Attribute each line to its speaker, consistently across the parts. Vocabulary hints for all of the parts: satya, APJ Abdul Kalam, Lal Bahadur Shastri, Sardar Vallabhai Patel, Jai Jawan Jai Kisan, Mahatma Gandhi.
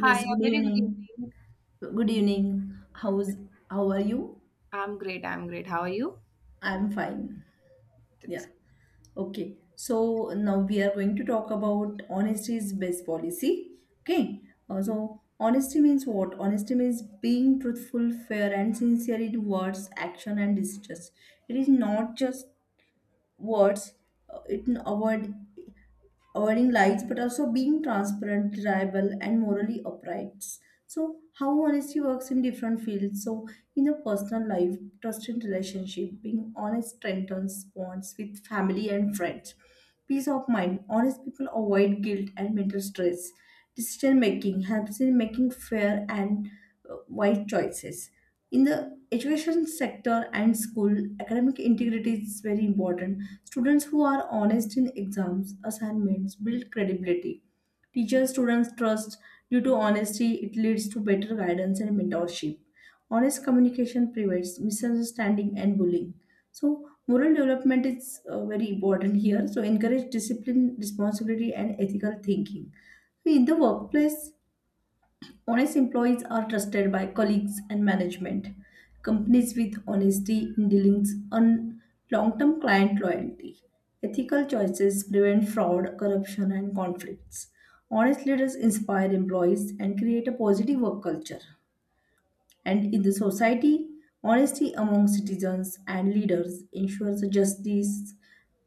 Speaker 1: Hi,
Speaker 2: good
Speaker 1: a very good
Speaker 2: evening.
Speaker 1: evening.
Speaker 2: Good evening. How are you?
Speaker 1: I'm great. How are you?
Speaker 2: I'm fine. Yeah.
Speaker 1: That's
Speaker 2: Okay. So now we are going to talk about honesty is best policy. Okay. So honesty means what? Honesty means being truthful, fair, and sincere in words, action, and decisions. It is not just words. a word, earning lies, but also being transparent, reliable, and morally upright. So how honesty works in different fields. So in a personal life, trust in relationship, being honest strengthens bonds with family and friends. Peace of mind, honest people avoid guilt and mental stress. Decision making helps in making fair and wise choices. In the education sector and school, academic integrity is very important. Students who are honest in exams, assignments build credibility. Teacher students trust due to honesty, it leads to better guidance and mentorship. Honest communication prevents misunderstanding and bullying. So, moral development is very important here. So, encourage discipline, responsibility, and ethical thinking. In the workplace, honest employees are trusted by colleagues and management. Companies with honesty in dealings earn long term client loyalty. Ethical choices prevent fraud, corruption, and conflicts. Honest leaders inspire employees and create a positive work culture. And in the society, honesty among citizens and leaders ensures justice,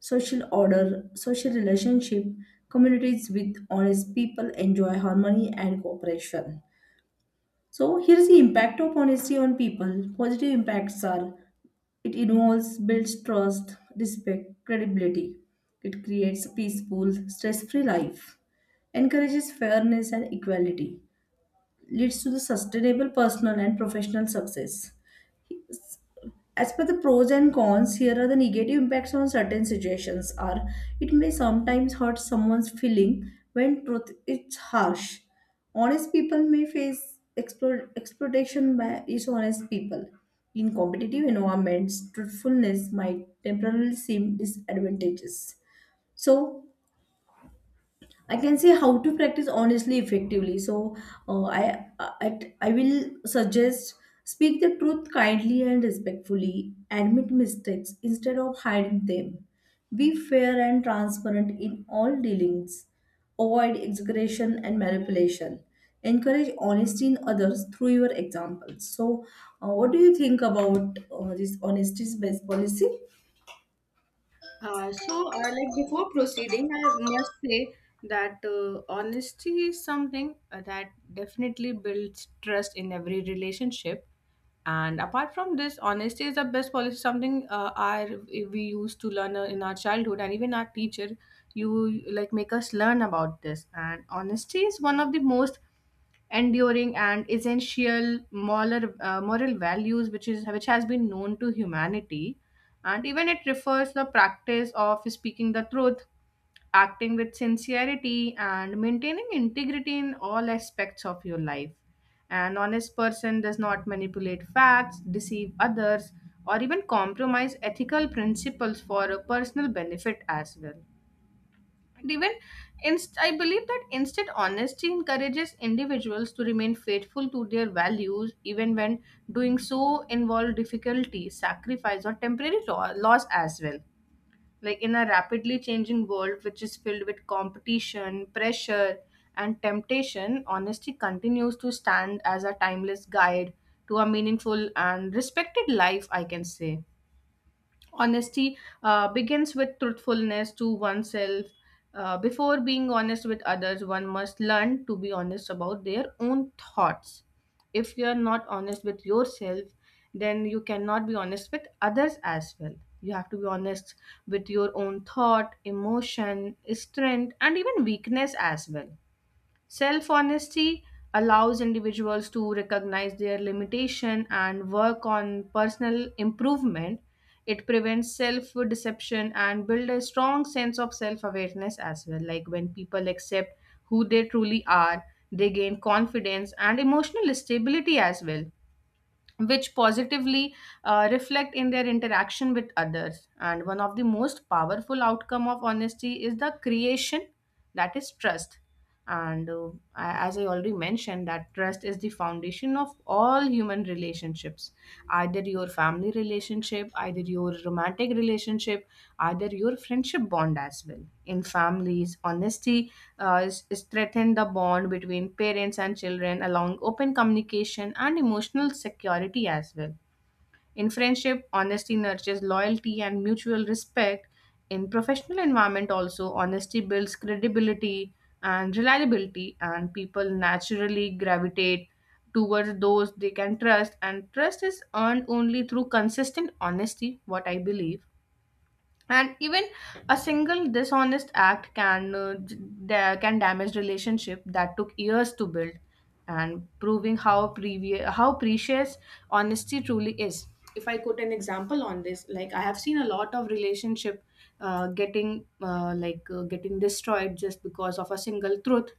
Speaker 2: social order, social relationship. Communities with honest people enjoy harmony and cooperation. So here's the impact of honesty on people. Positive impacts are, it involves builds trust, respect, credibility. It creates a peaceful, stress-free life. Encourages fairness and equality. Leads to the sustainable personal and professional success. As per the pros and cons, here are the negative impacts on certain situations. Are it may sometimes hurt someone's feeling when truth is harsh. Honest people may face exploitation by dishonest people. In competitive environments, truthfulness might temporarily seem disadvantageous. So I can say how to practice honestly effectively. So I will suggest, speak the truth kindly and respectfully. Admit mistakes instead of hiding them. Be fair and transparent in all dealings. Avoid exaggeration and manipulation. Encourage honesty in others through your examples. So, what do you think about this honesty based policy?
Speaker 1: Before proceeding, I must say that honesty is something that definitely builds trust in every relationship. And apart from this, honesty is the best policy. Something our We used to learn in our childhood, and even our teacher, you like make us learn about this. And honesty is one of the most enduring and essential moral values which has been known to humanity, and even it refers the practice of speaking the truth, acting with sincerity, and maintaining integrity in all aspects of your life. An honest person does not manipulate facts, deceive others, or even compromise ethical principles for a personal benefit as well. And even I believe that instead, honesty encourages individuals to remain faithful to their values, even when doing so involves difficulty, sacrifice, or temporary loss as well. Like in a rapidly changing world, which is filled with competition, pressure, and temptation, honesty continues to stand as a timeless guide to a meaningful and respected life, I can say. Honesty begins with truthfulness to oneself. Before being honest with others, one must learn to be honest about their own thoughts. If you are not honest with yourself, then you cannot be honest with others as well. You have to be honest with your own thought, emotion, strength, and even weakness as well. Self honesty allows individuals to recognize their limitation and work on personal improvement. It prevents self deception and build a strong sense of self awareness as well. Like when people accept who they truly are, they gain confidence and emotional stability as well, which positively reflect in their interaction with others. And one of the most powerful outcome of honesty is the creation, that is trust. And as I already mentioned, that trust is the foundation of all human relationships, either your family relationship, either your romantic relationship, either your friendship bond as well. In families, honesty is strengthen the bond between parents and children along open communication and emotional security as well. In friendship, honesty nurtures loyalty and mutual respect. In professional environment also, honesty builds credibility and reliability, and people naturally gravitate towards those they can trust, and trust is earned only through consistent honesty, what I believe. And even a single dishonest act can can damage relationship that took years to build, and proving how precious honesty truly is. If I quote an example on this, like I have seen a lot of relationship getting destroyed just because of a single truth.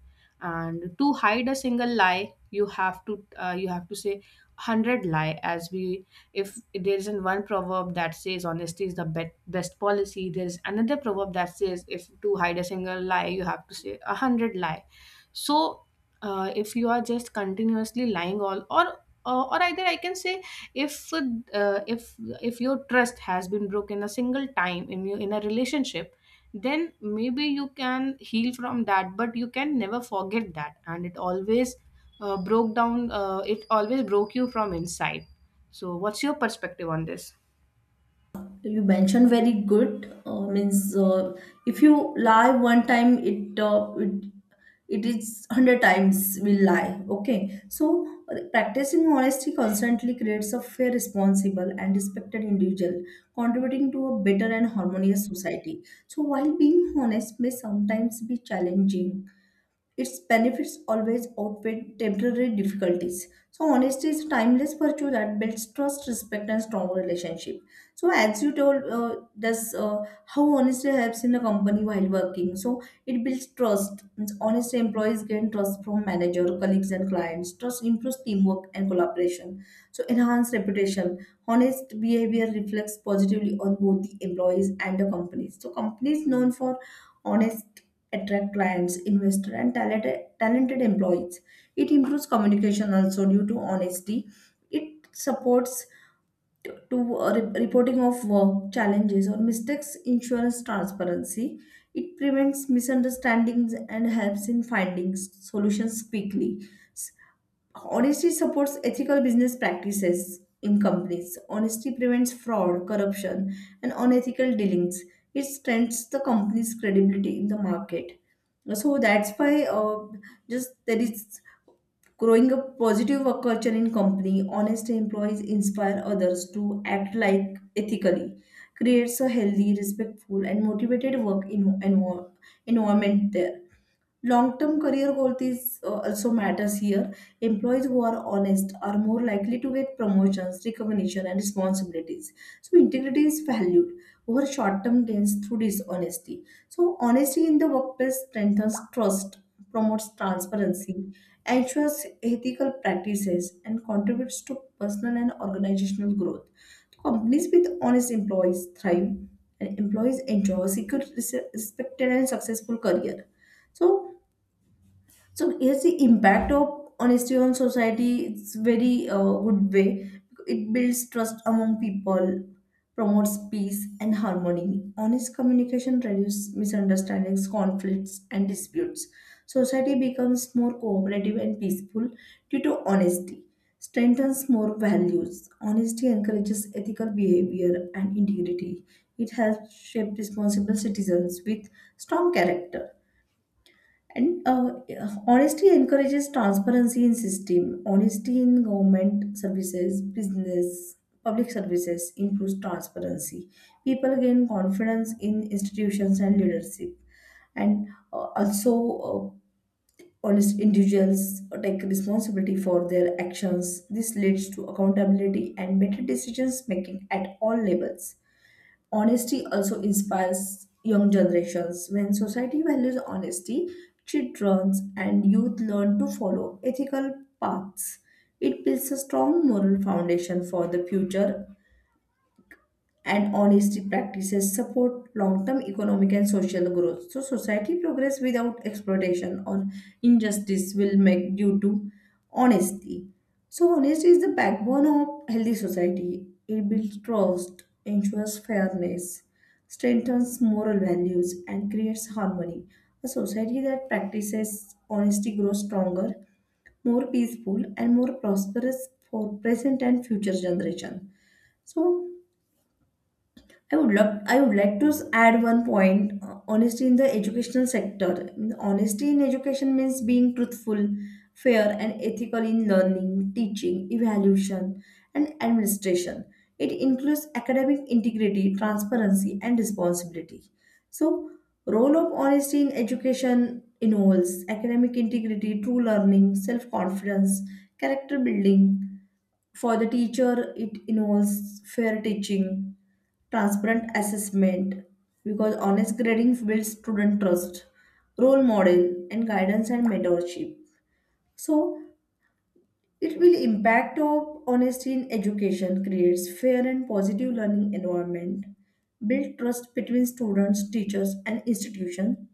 Speaker 1: And to hide a single lie, you have to say 100 lie. As we If there isn't one proverb that says honesty is the best policy, there is another proverb that says if to hide a single lie, you have to say a hundred lie. So if you are just continuously lying all, or either I can say, if uh, if if your trust has been broken a single time in your in a relationship, then maybe you can heal from that, but you can never forget that, and it always broke down it always broke you from inside. So, what's your perspective on this?
Speaker 2: So you mentioned very good means, uh, if you lie one time, it it is 100 times will lie. Okay. So practicing honesty constantly creates a fair, responsible, and respected individual contributing to a better and harmonious society. So while being honest may sometimes be challenging, its benefits always outweigh temporary difficulties. So honesty is a timeless virtue that builds trust, respect, and strong relationship. So as you told, does how honesty helps in a company while working. So it builds trust. Means honest employees gain trust from manager, colleagues, and clients. Trust improves teamwork and collaboration. So enhance reputation. Honest behavior reflects positively on both the employees and the companies. So companies known for honest, attract clients, investor, and talented employees. It improves communication also due to honesty. It supports reporting of work challenges or mistakes, insurance transparency. It prevents misunderstandings and helps in finding solutions quickly. Honesty supports ethical business practices in companies. Honesty prevents fraud, corruption, and unethical dealings. It strengthens the company's credibility in the market. So that's why just there is growing a positive work culture in company. Honest employees inspire others to act like ethically. Creates a healthy, respectful, and motivated environment there. Long-term career growth is also matters here. Employees who are honest are more likely to get promotions, recognition, and responsibilities. So integrity is valued over short-term gains through dishonesty. So honesty in the workplace strengthens trust, promotes transparency, ensures ethical practices, and contributes to personal and organizational growth. So, companies with honest employees thrive, and employees enjoy a secure, respected, and successful career. So so yes, the impact of honesty on society, it's very good way. It builds trust among people, promotes peace and harmony. Honest communication reduces misunderstandings, conflicts, and disputes. Society becomes more cooperative and peaceful due to honesty. Strengthens more values. Honesty encourages ethical behavior and integrity. It helps shape responsible citizens with strong character, and honesty encourages transparency in system. Honesty in government services, business, public services improves transparency. People gain confidence in institutions and leadership. And uh, also, uh, honest individuals take responsibility for their actions. This leads to accountability and better decisions making at all levels. Honesty also inspires young generations. When society values honesty, children and youth learn to follow ethical paths. It builds a strong moral foundation for the future, and honesty practices support long-term economic and social growth. So society progress without exploitation or injustice will make due to honesty. So honesty is the backbone of healthy society. It builds trust, ensures fairness, strengthens moral values, and creates harmony. A society that practices honesty grows stronger, more peaceful, and more prosperous for present and future generation. So I would like to add one point. Honesty in the educational sector. Honesty in education means being truthful, fair, and ethical in learning, teaching, evaluation, and administration. It includes academic integrity, transparency, and responsibility. So, role of honesty in education involves academic integrity, true learning, self-confidence, character building. For the teacher, it involves fair teaching, transparent assessment, because honest grading builds student trust, role model, and guidance and mentorship. So it will impact of honesty in education creates fair and positive learning environment, build trust between students, teachers, and institution,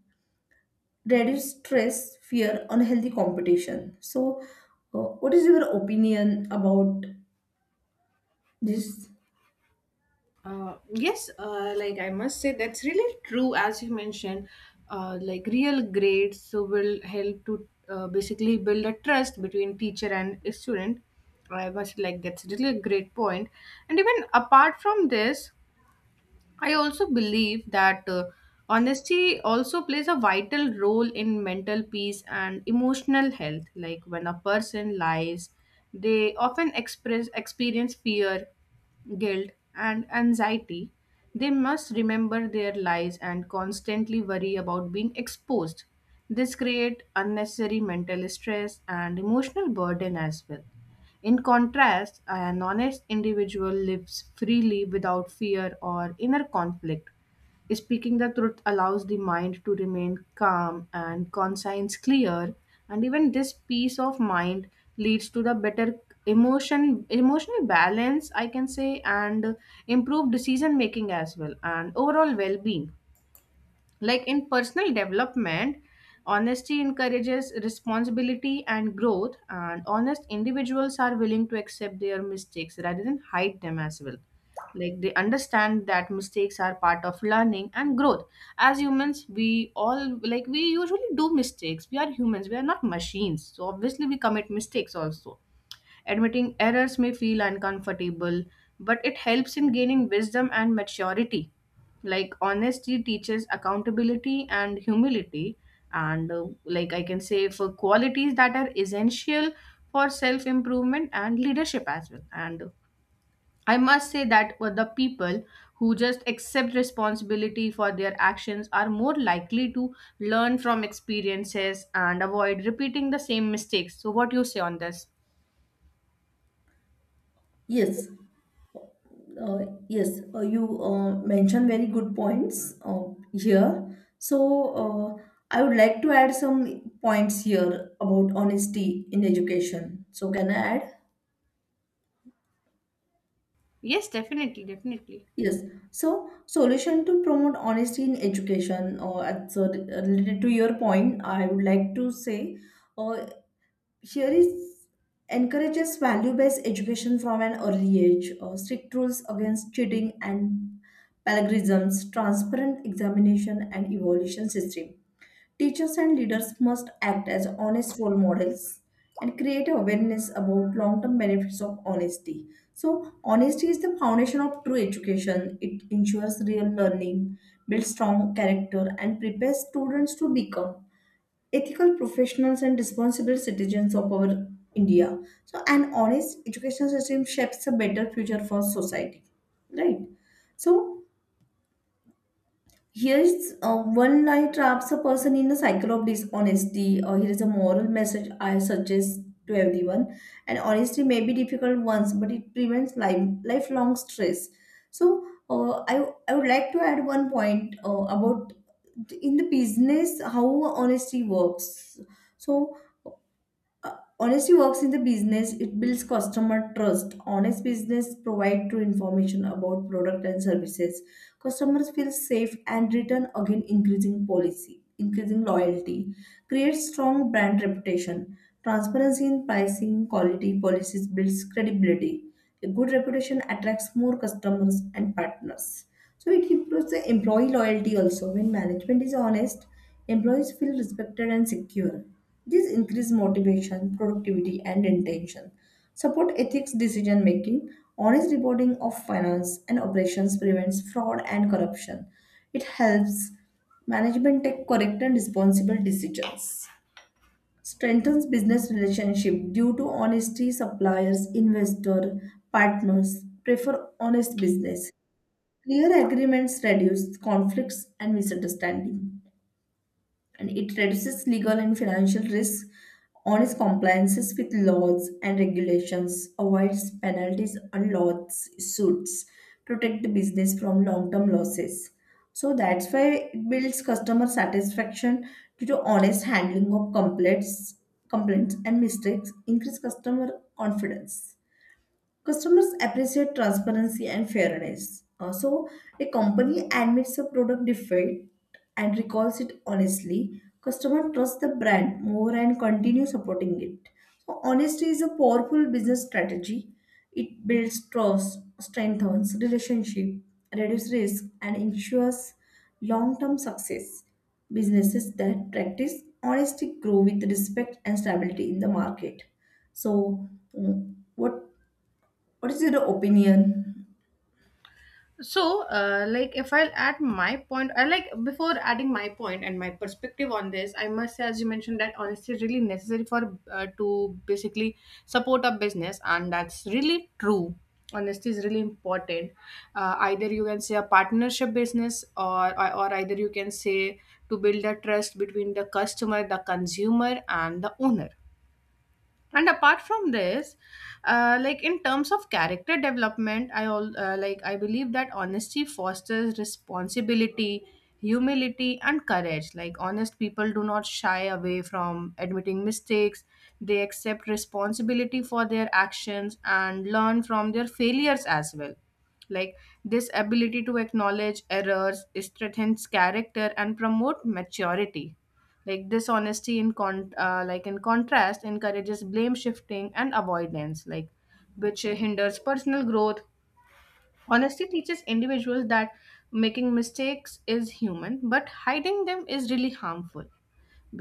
Speaker 2: reduce stress, fear, unhealthy competition. So what is your opinion about this?
Speaker 1: Yes, like I must say, that's really true. As you mentioned, like real grades so will help to basically build a trust between teacher and student. I must like that's really a great point. And even apart from this, I also believe that honesty also plays a vital role in mental peace and emotional health. Like when a person lies, they often express experience fear, guilt, and anxiety. They must remember their lies and constantly worry about being exposed. This create unnecessary mental stress and emotional burden as well. In contrast, an honest individual lives freely without fear or inner conflict. Speaking the truth allows the mind to remain calm and conscience clear, and even this peace of mind leads to the better emotional balance I can say, and improved decision making as well, and overall well being. Like in personal development, honesty encourages responsibility and growth, and honest individuals are willing to accept their mistakes rather than hide them as well. Like they understand that mistakes are part of learning and growth. As humans, we all we usually do mistakes. We are humans, we are not machines. So obviously we commit mistakes also. Admitting errors may feel uncomfortable, but it helps in gaining wisdom and maturity. Like honesty teaches accountability and humility, and like I can say, for qualities that are essential for self improvement and leadership as well. And I must say that for the people who just accept responsibility for their actions are more likely to learn from experiences and avoid repeating the same mistakes. So, what do you say on this?
Speaker 2: Yes. Yes, you mentioned very good points here. So, uh, I would like to add some points here about honesty in education. So, can I add?
Speaker 1: Yes, definitely, definitely.
Speaker 2: Yes. So, solution to promote honesty in education, or related to your point, I would like to say, uh, here is, encourages value-based education from an early age, strict rules against cheating and plagiarisms, transparent examination and evaluation system. Teachers and leaders must act as honest role models and create awareness about long-term benefits of honesty. So, honesty is the foundation of true education. It ensures real learning, builds strong character, and prepares students to become ethical professionals and responsible citizens of our India. So, an honest education system shapes a better future for society, right? So, here's one lie traps a person in a cycle of dishonesty, or here is a moral message I suggest to everyone. And honesty may be difficult once, but it prevents lifelong stress. So, I would like to add one point about in the business how honesty works. So, honesty works in the business. It builds customer trust. Honest business provide true information about product and services. Customers feel safe and return again, increasing policy, increasing loyalty, creates strong brand reputation. Transparency in pricing, quality policies builds credibility. A good reputation attracts more customers and partners. So it improves the employee loyalty also. When management is honest, employees feel respected and secure. This increases motivation, productivity, and intention. Support ethics decision making, honest reporting of finance and operations prevents fraud and corruption. It helps management take correct and responsible decisions. Strengthens business relationship due to honesty, suppliers, investor, partners prefer honest business. Clear agreements reduce conflicts and misunderstanding, and it reduces legal and financial risks on compliances with laws and regulations, avoids penalties and lawsuits, protect the business from long-term losses. So that's why it builds customer satisfaction due to honest handling of complaints and mistakes, increase customer confidence. Customers appreciate transparency and fairness. Also, a company admits a product defect and recalls it honestly. Customer trusts the brand more and continue supporting it. So, honesty is a powerful business strategy. It builds trust, strengthens relationship, reduces risk, and ensures long-term success. Businesses that practice honesty grow with respect and stability in the market. So, mm, what what is your opinion?
Speaker 1: So, like, if I'll add my point, I like before adding my point and my perspective on this, I must say, as you mentioned, that honesty is really necessary for to basically support a business, and that's really true. Honesty is really important. Either you can say a partnership business, or either you can say to build a trust between the customer, the consumer, and the owner. And apart from this, like in terms of character development, I all like I believe that honesty fosters responsibility, humility, and courage. Like honest people do not shy away from admitting mistakes. They accept responsibility for their actions and learn from their failures as well. Like this ability to acknowledge errors strengthens character and promote maturity. Like dishonesty in contrast encourages blame shifting and avoidance, which hinders personal growth. Honesty teaches individuals that making mistakes is human, but hiding them is really harmful,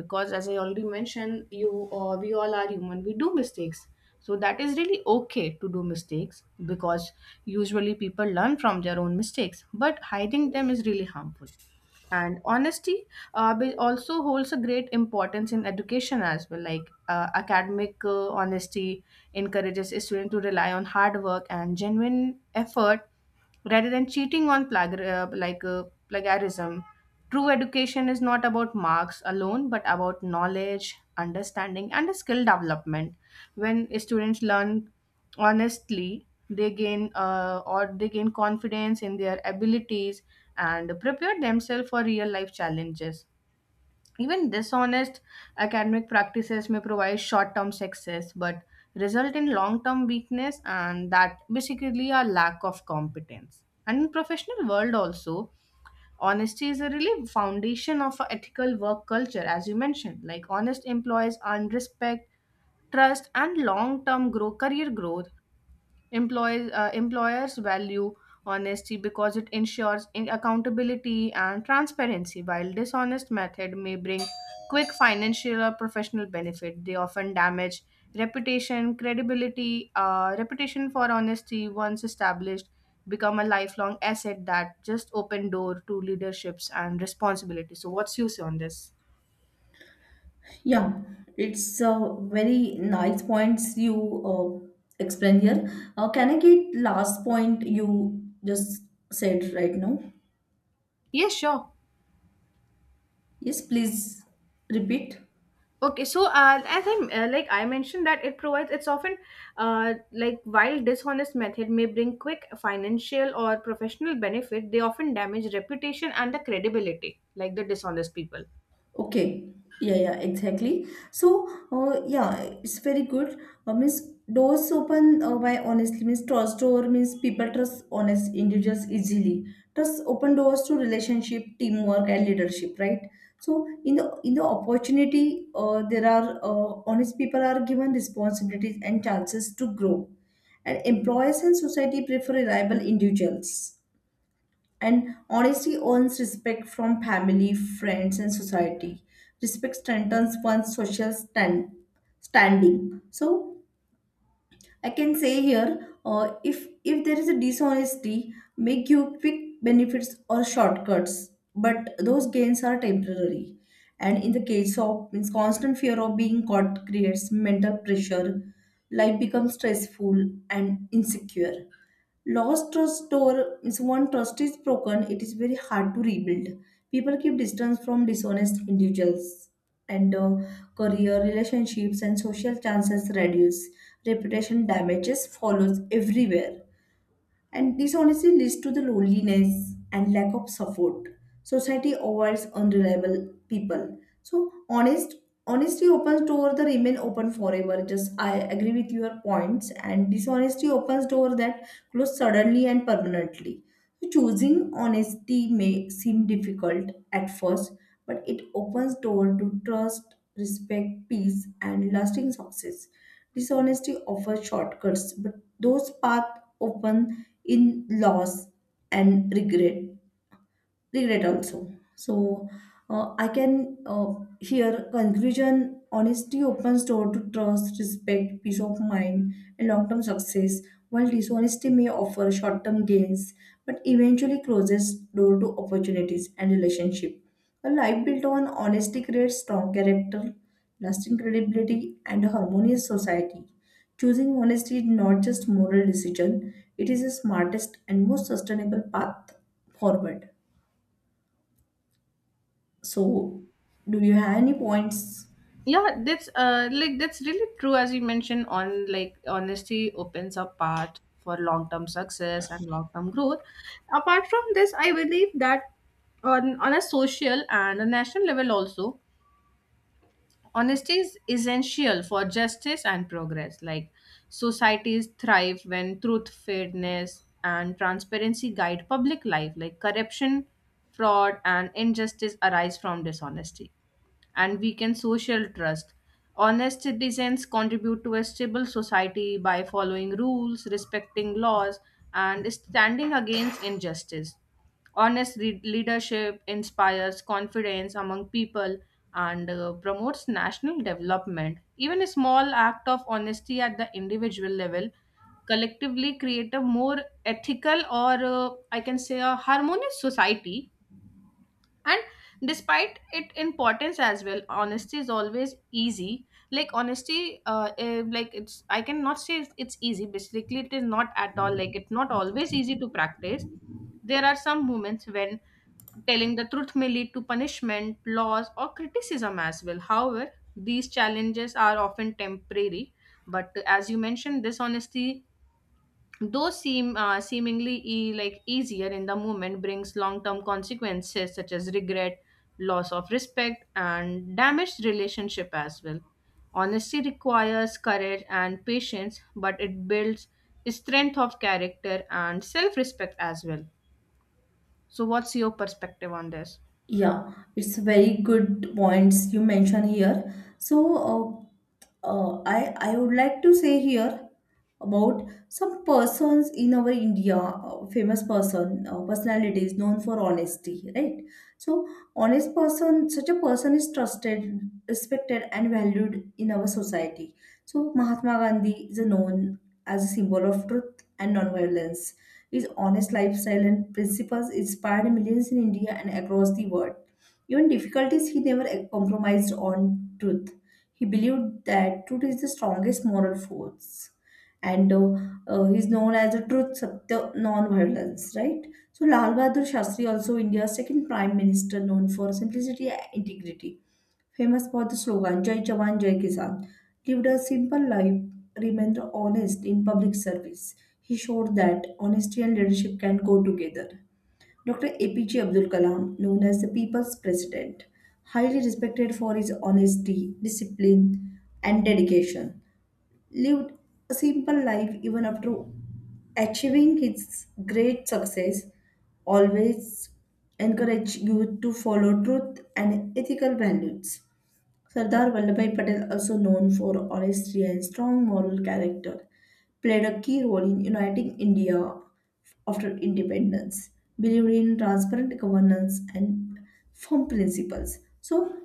Speaker 1: because as I already mentioned, you or we all are human, we do mistakes. So that is really okay to do mistakes, because usually people learn from their own mistakes, but hiding them is really harmful. And honesty also holds a great importance in education as well. Like academic honesty encourages students to rely on hard work and genuine effort rather than cheating on plagiarism. True education is not about marks alone, but about knowledge, understanding, and skill development. When students learn honestly, they gain or they gain confidence in their abilities and prepare themselves for real life challenges. Even dishonest academic practices may provide short term success, but result in long term weakness, and that basically a lack of competence. And in professional world also, honesty is a really foundation of a ethical work culture. As you mentioned, like honest employees earn respect, trust, and long term grow career growth. Employers value honesty because it ensures accountability and transparency, while dishonest method may bring quick financial or professional benefit. They often damage reputation, credibility. Reputation for honesty, once established, become a lifelong asset that just open door to leaderships and responsibility. So, what's your say on this?
Speaker 2: Yeah, it's a very nice points you uh, explain here. Can I get last point you just said right now?
Speaker 1: Yes, sure.
Speaker 2: Yes, please repeat.
Speaker 1: Okay, so as I'm like I mentioned that it's often, like, while dishonest method may bring quick financial or professional benefit, they often damage reputation and the credibility, like the dishonest people.
Speaker 2: Okay. Yeah, yeah, exactly. So, yeah, it's very good. Means doors open by honestly means trust door means people trust honest individuals easily. Trust open doors to relationship, teamwork, and leadership. Right. So in the opportunity, there are honest people are given responsibilities and chances to grow, and employers and society prefer reliable individuals. And honesty earns respect from family, friends, and society. Respect strengthens one's standing. So I can say here, if there is a dishonesty, may give quick benefits or shortcuts, but those gains are temporary. And in the case of means constant fear of being caught creates mental pressure. Life becomes stressful and insecure. Lost trust, or is one trust is broken, it is very hard to rebuild. People keep distance from dishonest individuals, and career, relationships, and social chances reduce. Reputation damages follows everywhere. And dishonesty leads to the loneliness and lack of support. Society avoids unreliable people. So honesty opens door that remain open forever. Just I agree with your points, and dishonesty opens door that close suddenly and permanently. So choosing honesty may seem difficult at first, but it opens door to trust, respect, peace, and lasting success. Dishonesty offers shortcuts, but those paths open in loss and regret also. So I can uh, Here conclusion: honesty opens door to trust, respect, peace of mind, and long term success, while dishonesty may offer short term gains but eventually closes door to opportunities and relationship. A life built on honesty creates strong character, lasting credibility, and a harmonious society. Choosing honesty is not just moral decision, it is the smartest and most sustainable path forward. So, do you have any points?
Speaker 1: Yeah, that's that's really true. As you mentioned on, like, honesty opens up path for long term success and long term growth. Apart from this, I believe that on a social and a national level also, honesty is essential for justice and progress. Like societies thrive when truth, fairness, and transparency guide public life. Like corruption, fraud, and injustice arise from dishonesty and weaken social trust. Honest citizens contribute to a stable society by following rules, respecting laws, and standing against injustice. Leadership inspires confidence among people, and promotes national development. Even a small act of honesty at the individual level collectively create a more ethical, or I can say a harmonious society. And despite its importance as well, honesty is always easy. Like honesty eh, like It's, I cannot say it's easy, basically it is not at all, like it's not always easy to practice. There are some moments when telling the truth may lead to punishment, loss, or criticism as well. However, these challenges are often temporary. But as you mentioned, dishonesty, though seemingly like easier in the moment, brings long-term consequences such as regret, loss of respect, and damaged relationship as well. Honesty requires courage and patience, but it builds strength of character and self-respect as well. So, what's your perspective on this?
Speaker 2: Yeah, it's very good points you mention here. So, uh, uh, I I would like to say here about some persons in our India, famous person, personalities known for honesty, right? So, honest person, such a person is trusted, respected, and valued in our society. So, Mahatma Gandhi is known as a symbol of truth and non-violence. His honest lifestyle and principles inspired millions in India and across the world. Even difficulties he never compromised on truth. He believed that truth is the strongest moral force. And he's known as the truth, satya, non-violence, right? So Lal Bahadur Shastri, also India's second prime minister, known for simplicity and integrity, famous for the slogan Jai Jawan Jai Kisan, lived a simple life, remained honest in public service. He showed that honesty and leadership can go together. Dr. APJ Abdul Kalam, known as the People's President, highly respected for his honesty, discipline, and dedication, lived a simple life even after achieving his great success, always encouraged youth to follow truth and ethical values. Sardar Vallabhai Patel, also known for honesty and strong moral character, played a key role in uniting India after independence, believed in transparent governance and firm principles. So,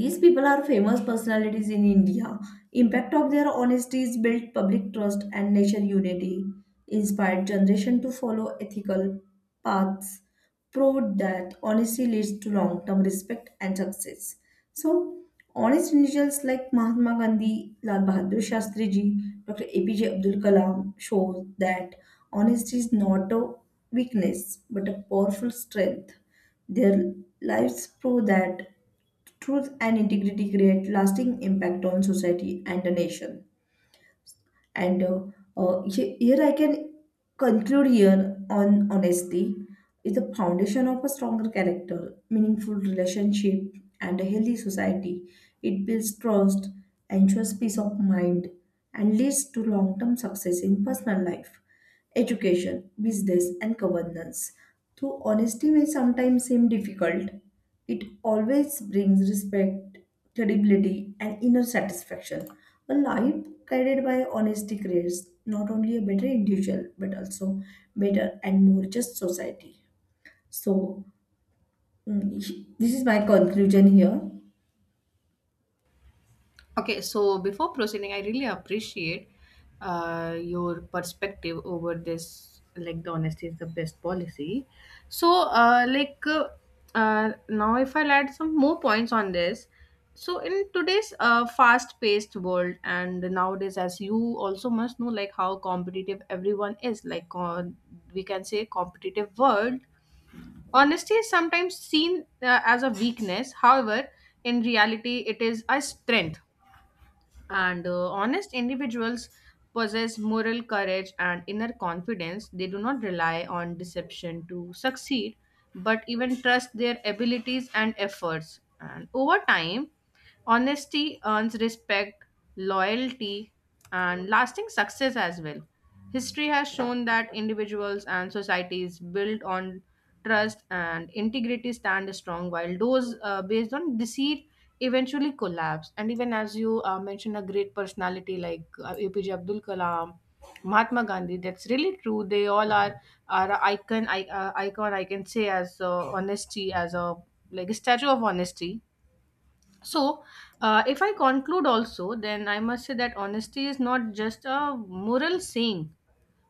Speaker 2: these people are famous personalities in India. Impact of their honesty is built public trust and nation unity, inspired generation to follow ethical paths, proved that honesty leads to long-term respect and success. So, honest individuals like Mahatma Gandhi, Lal Bahadur Shastri ji, Dr. APJ Abdul Kalam show that honesty is not a weakness but a powerful strength. Their lives prove that truth and integrity create lasting impact on society and the nation. And uh, Here I can conclude here on honesty is the foundation of a stronger character, meaningful relationship, and a healthy society. It builds trust, ensures peace of mind, and leads to long-term success in personal life, education, business, and governance. Though honesty may sometimes seem difficult, it always brings respect, credibility, and inner satisfaction. A life guided by honesty creates not only a better individual but also better and more just society. So, this is my conclusion here.
Speaker 1: Okay, so before proceeding, I really appreciate your perspective over this. Like, the honesty is the best policy. So, uh, like, uh, Now if I'll add some more points on this. So, in today's fast paced world, and nowadays, as you also must know, like, how competitive everyone is, like, on we can say, competitive world. Honesty is sometimes seen as a weakness. However, in reality, it is a strength and honest individuals possess moral courage and inner confidence. They do not rely on deception to succeed, but even trust their abilities and efforts. And over time, honesty earns respect, loyalty, and lasting success as well. History has shown that individuals and societies built on trust and integrity stand strong, while those based on deceit eventually collapse. And even as you mentioned, a great personality like APJ Abdul Kalam, Mahatma Gandhi, that's really true. They all are a icon, icon I can say as honesty, as a like a statue of honesty. So, if I conclude also, then I must say that honesty is not just a moral saying,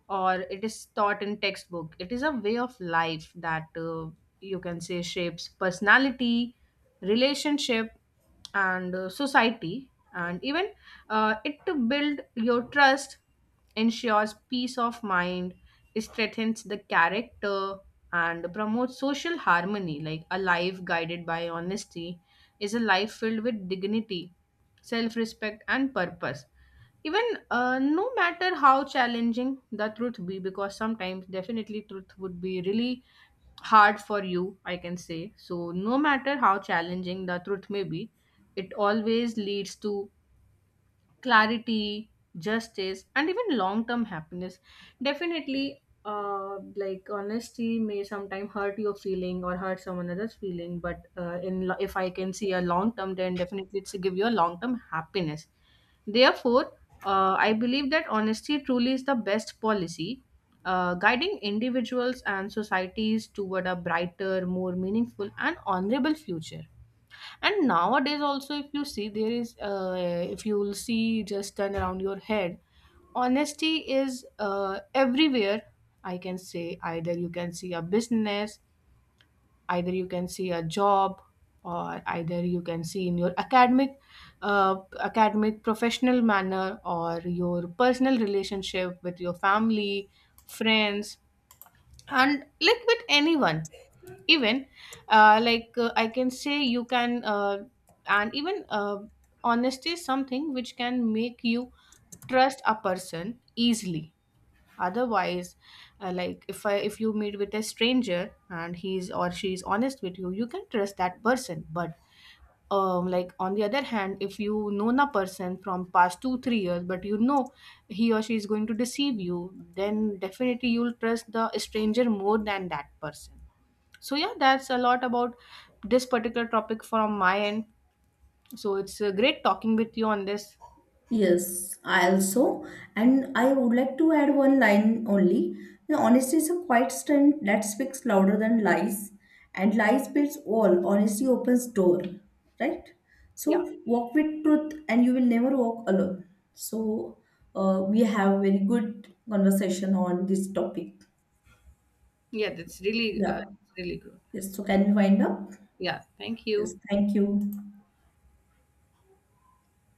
Speaker 1: or it is taught in textbook, it is a way of life that you can say shapes personality, relationship, and society, and even it to build your trust, ensures peace of mind, strengthens the character, and promotes social harmony, like a life guided by honesty is a life filled with dignity, self-respect and purpose, even no matter how challenging the truth be, because sometimes definitely truth would be really hard for you, I can say. So no matter how challenging the truth may be, it always leads to clarity, justice, and even long term happiness. Definitely, like honesty may sometimes hurt your feeling or hurt someone else's feeling, but if I can see a long term, then definitely it's give you a long term happiness. Therefore, I believe that honesty truly is the best policy, guiding individuals and societies toward a brighter, more meaningful, and honorable future. And nowadays also, if you see, there is if you will see, just turn around your head, honesty is everywhere, I can say. Either you can see a business, either you can see a job, or either you can see in your academic professional manner, or your personal relationship with your family, friends, and like with anyone. Even like I can say you can and even honesty is something which can make you trust a person easily. Otherwise, if you meet with a stranger and he's or she's honest with you, you can trust that person. But like on the other hand, if you known a person from past 2-3 years, but you know he or she is going to deceive you, then definitely you'll trust the stranger more than that person. So yeah, that's a lot about this particular topic from my end. So it's great talking with you on this.
Speaker 2: Yes, I also, and I would like to add one line only. You honesty is a quiet strength that speaks louder than lies, and lies builds wall. Honesty opens door, right?
Speaker 1: Yeah,
Speaker 2: So walk with truth, and you will never walk alone. So we have very good conversation on this topic.
Speaker 1: yeah, that's really
Speaker 2: Yeah.
Speaker 1: really good.
Speaker 2: Yes. So can we wind up?
Speaker 1: Yeah, thank
Speaker 2: Yes.
Speaker 1: you.
Speaker 2: Thank you.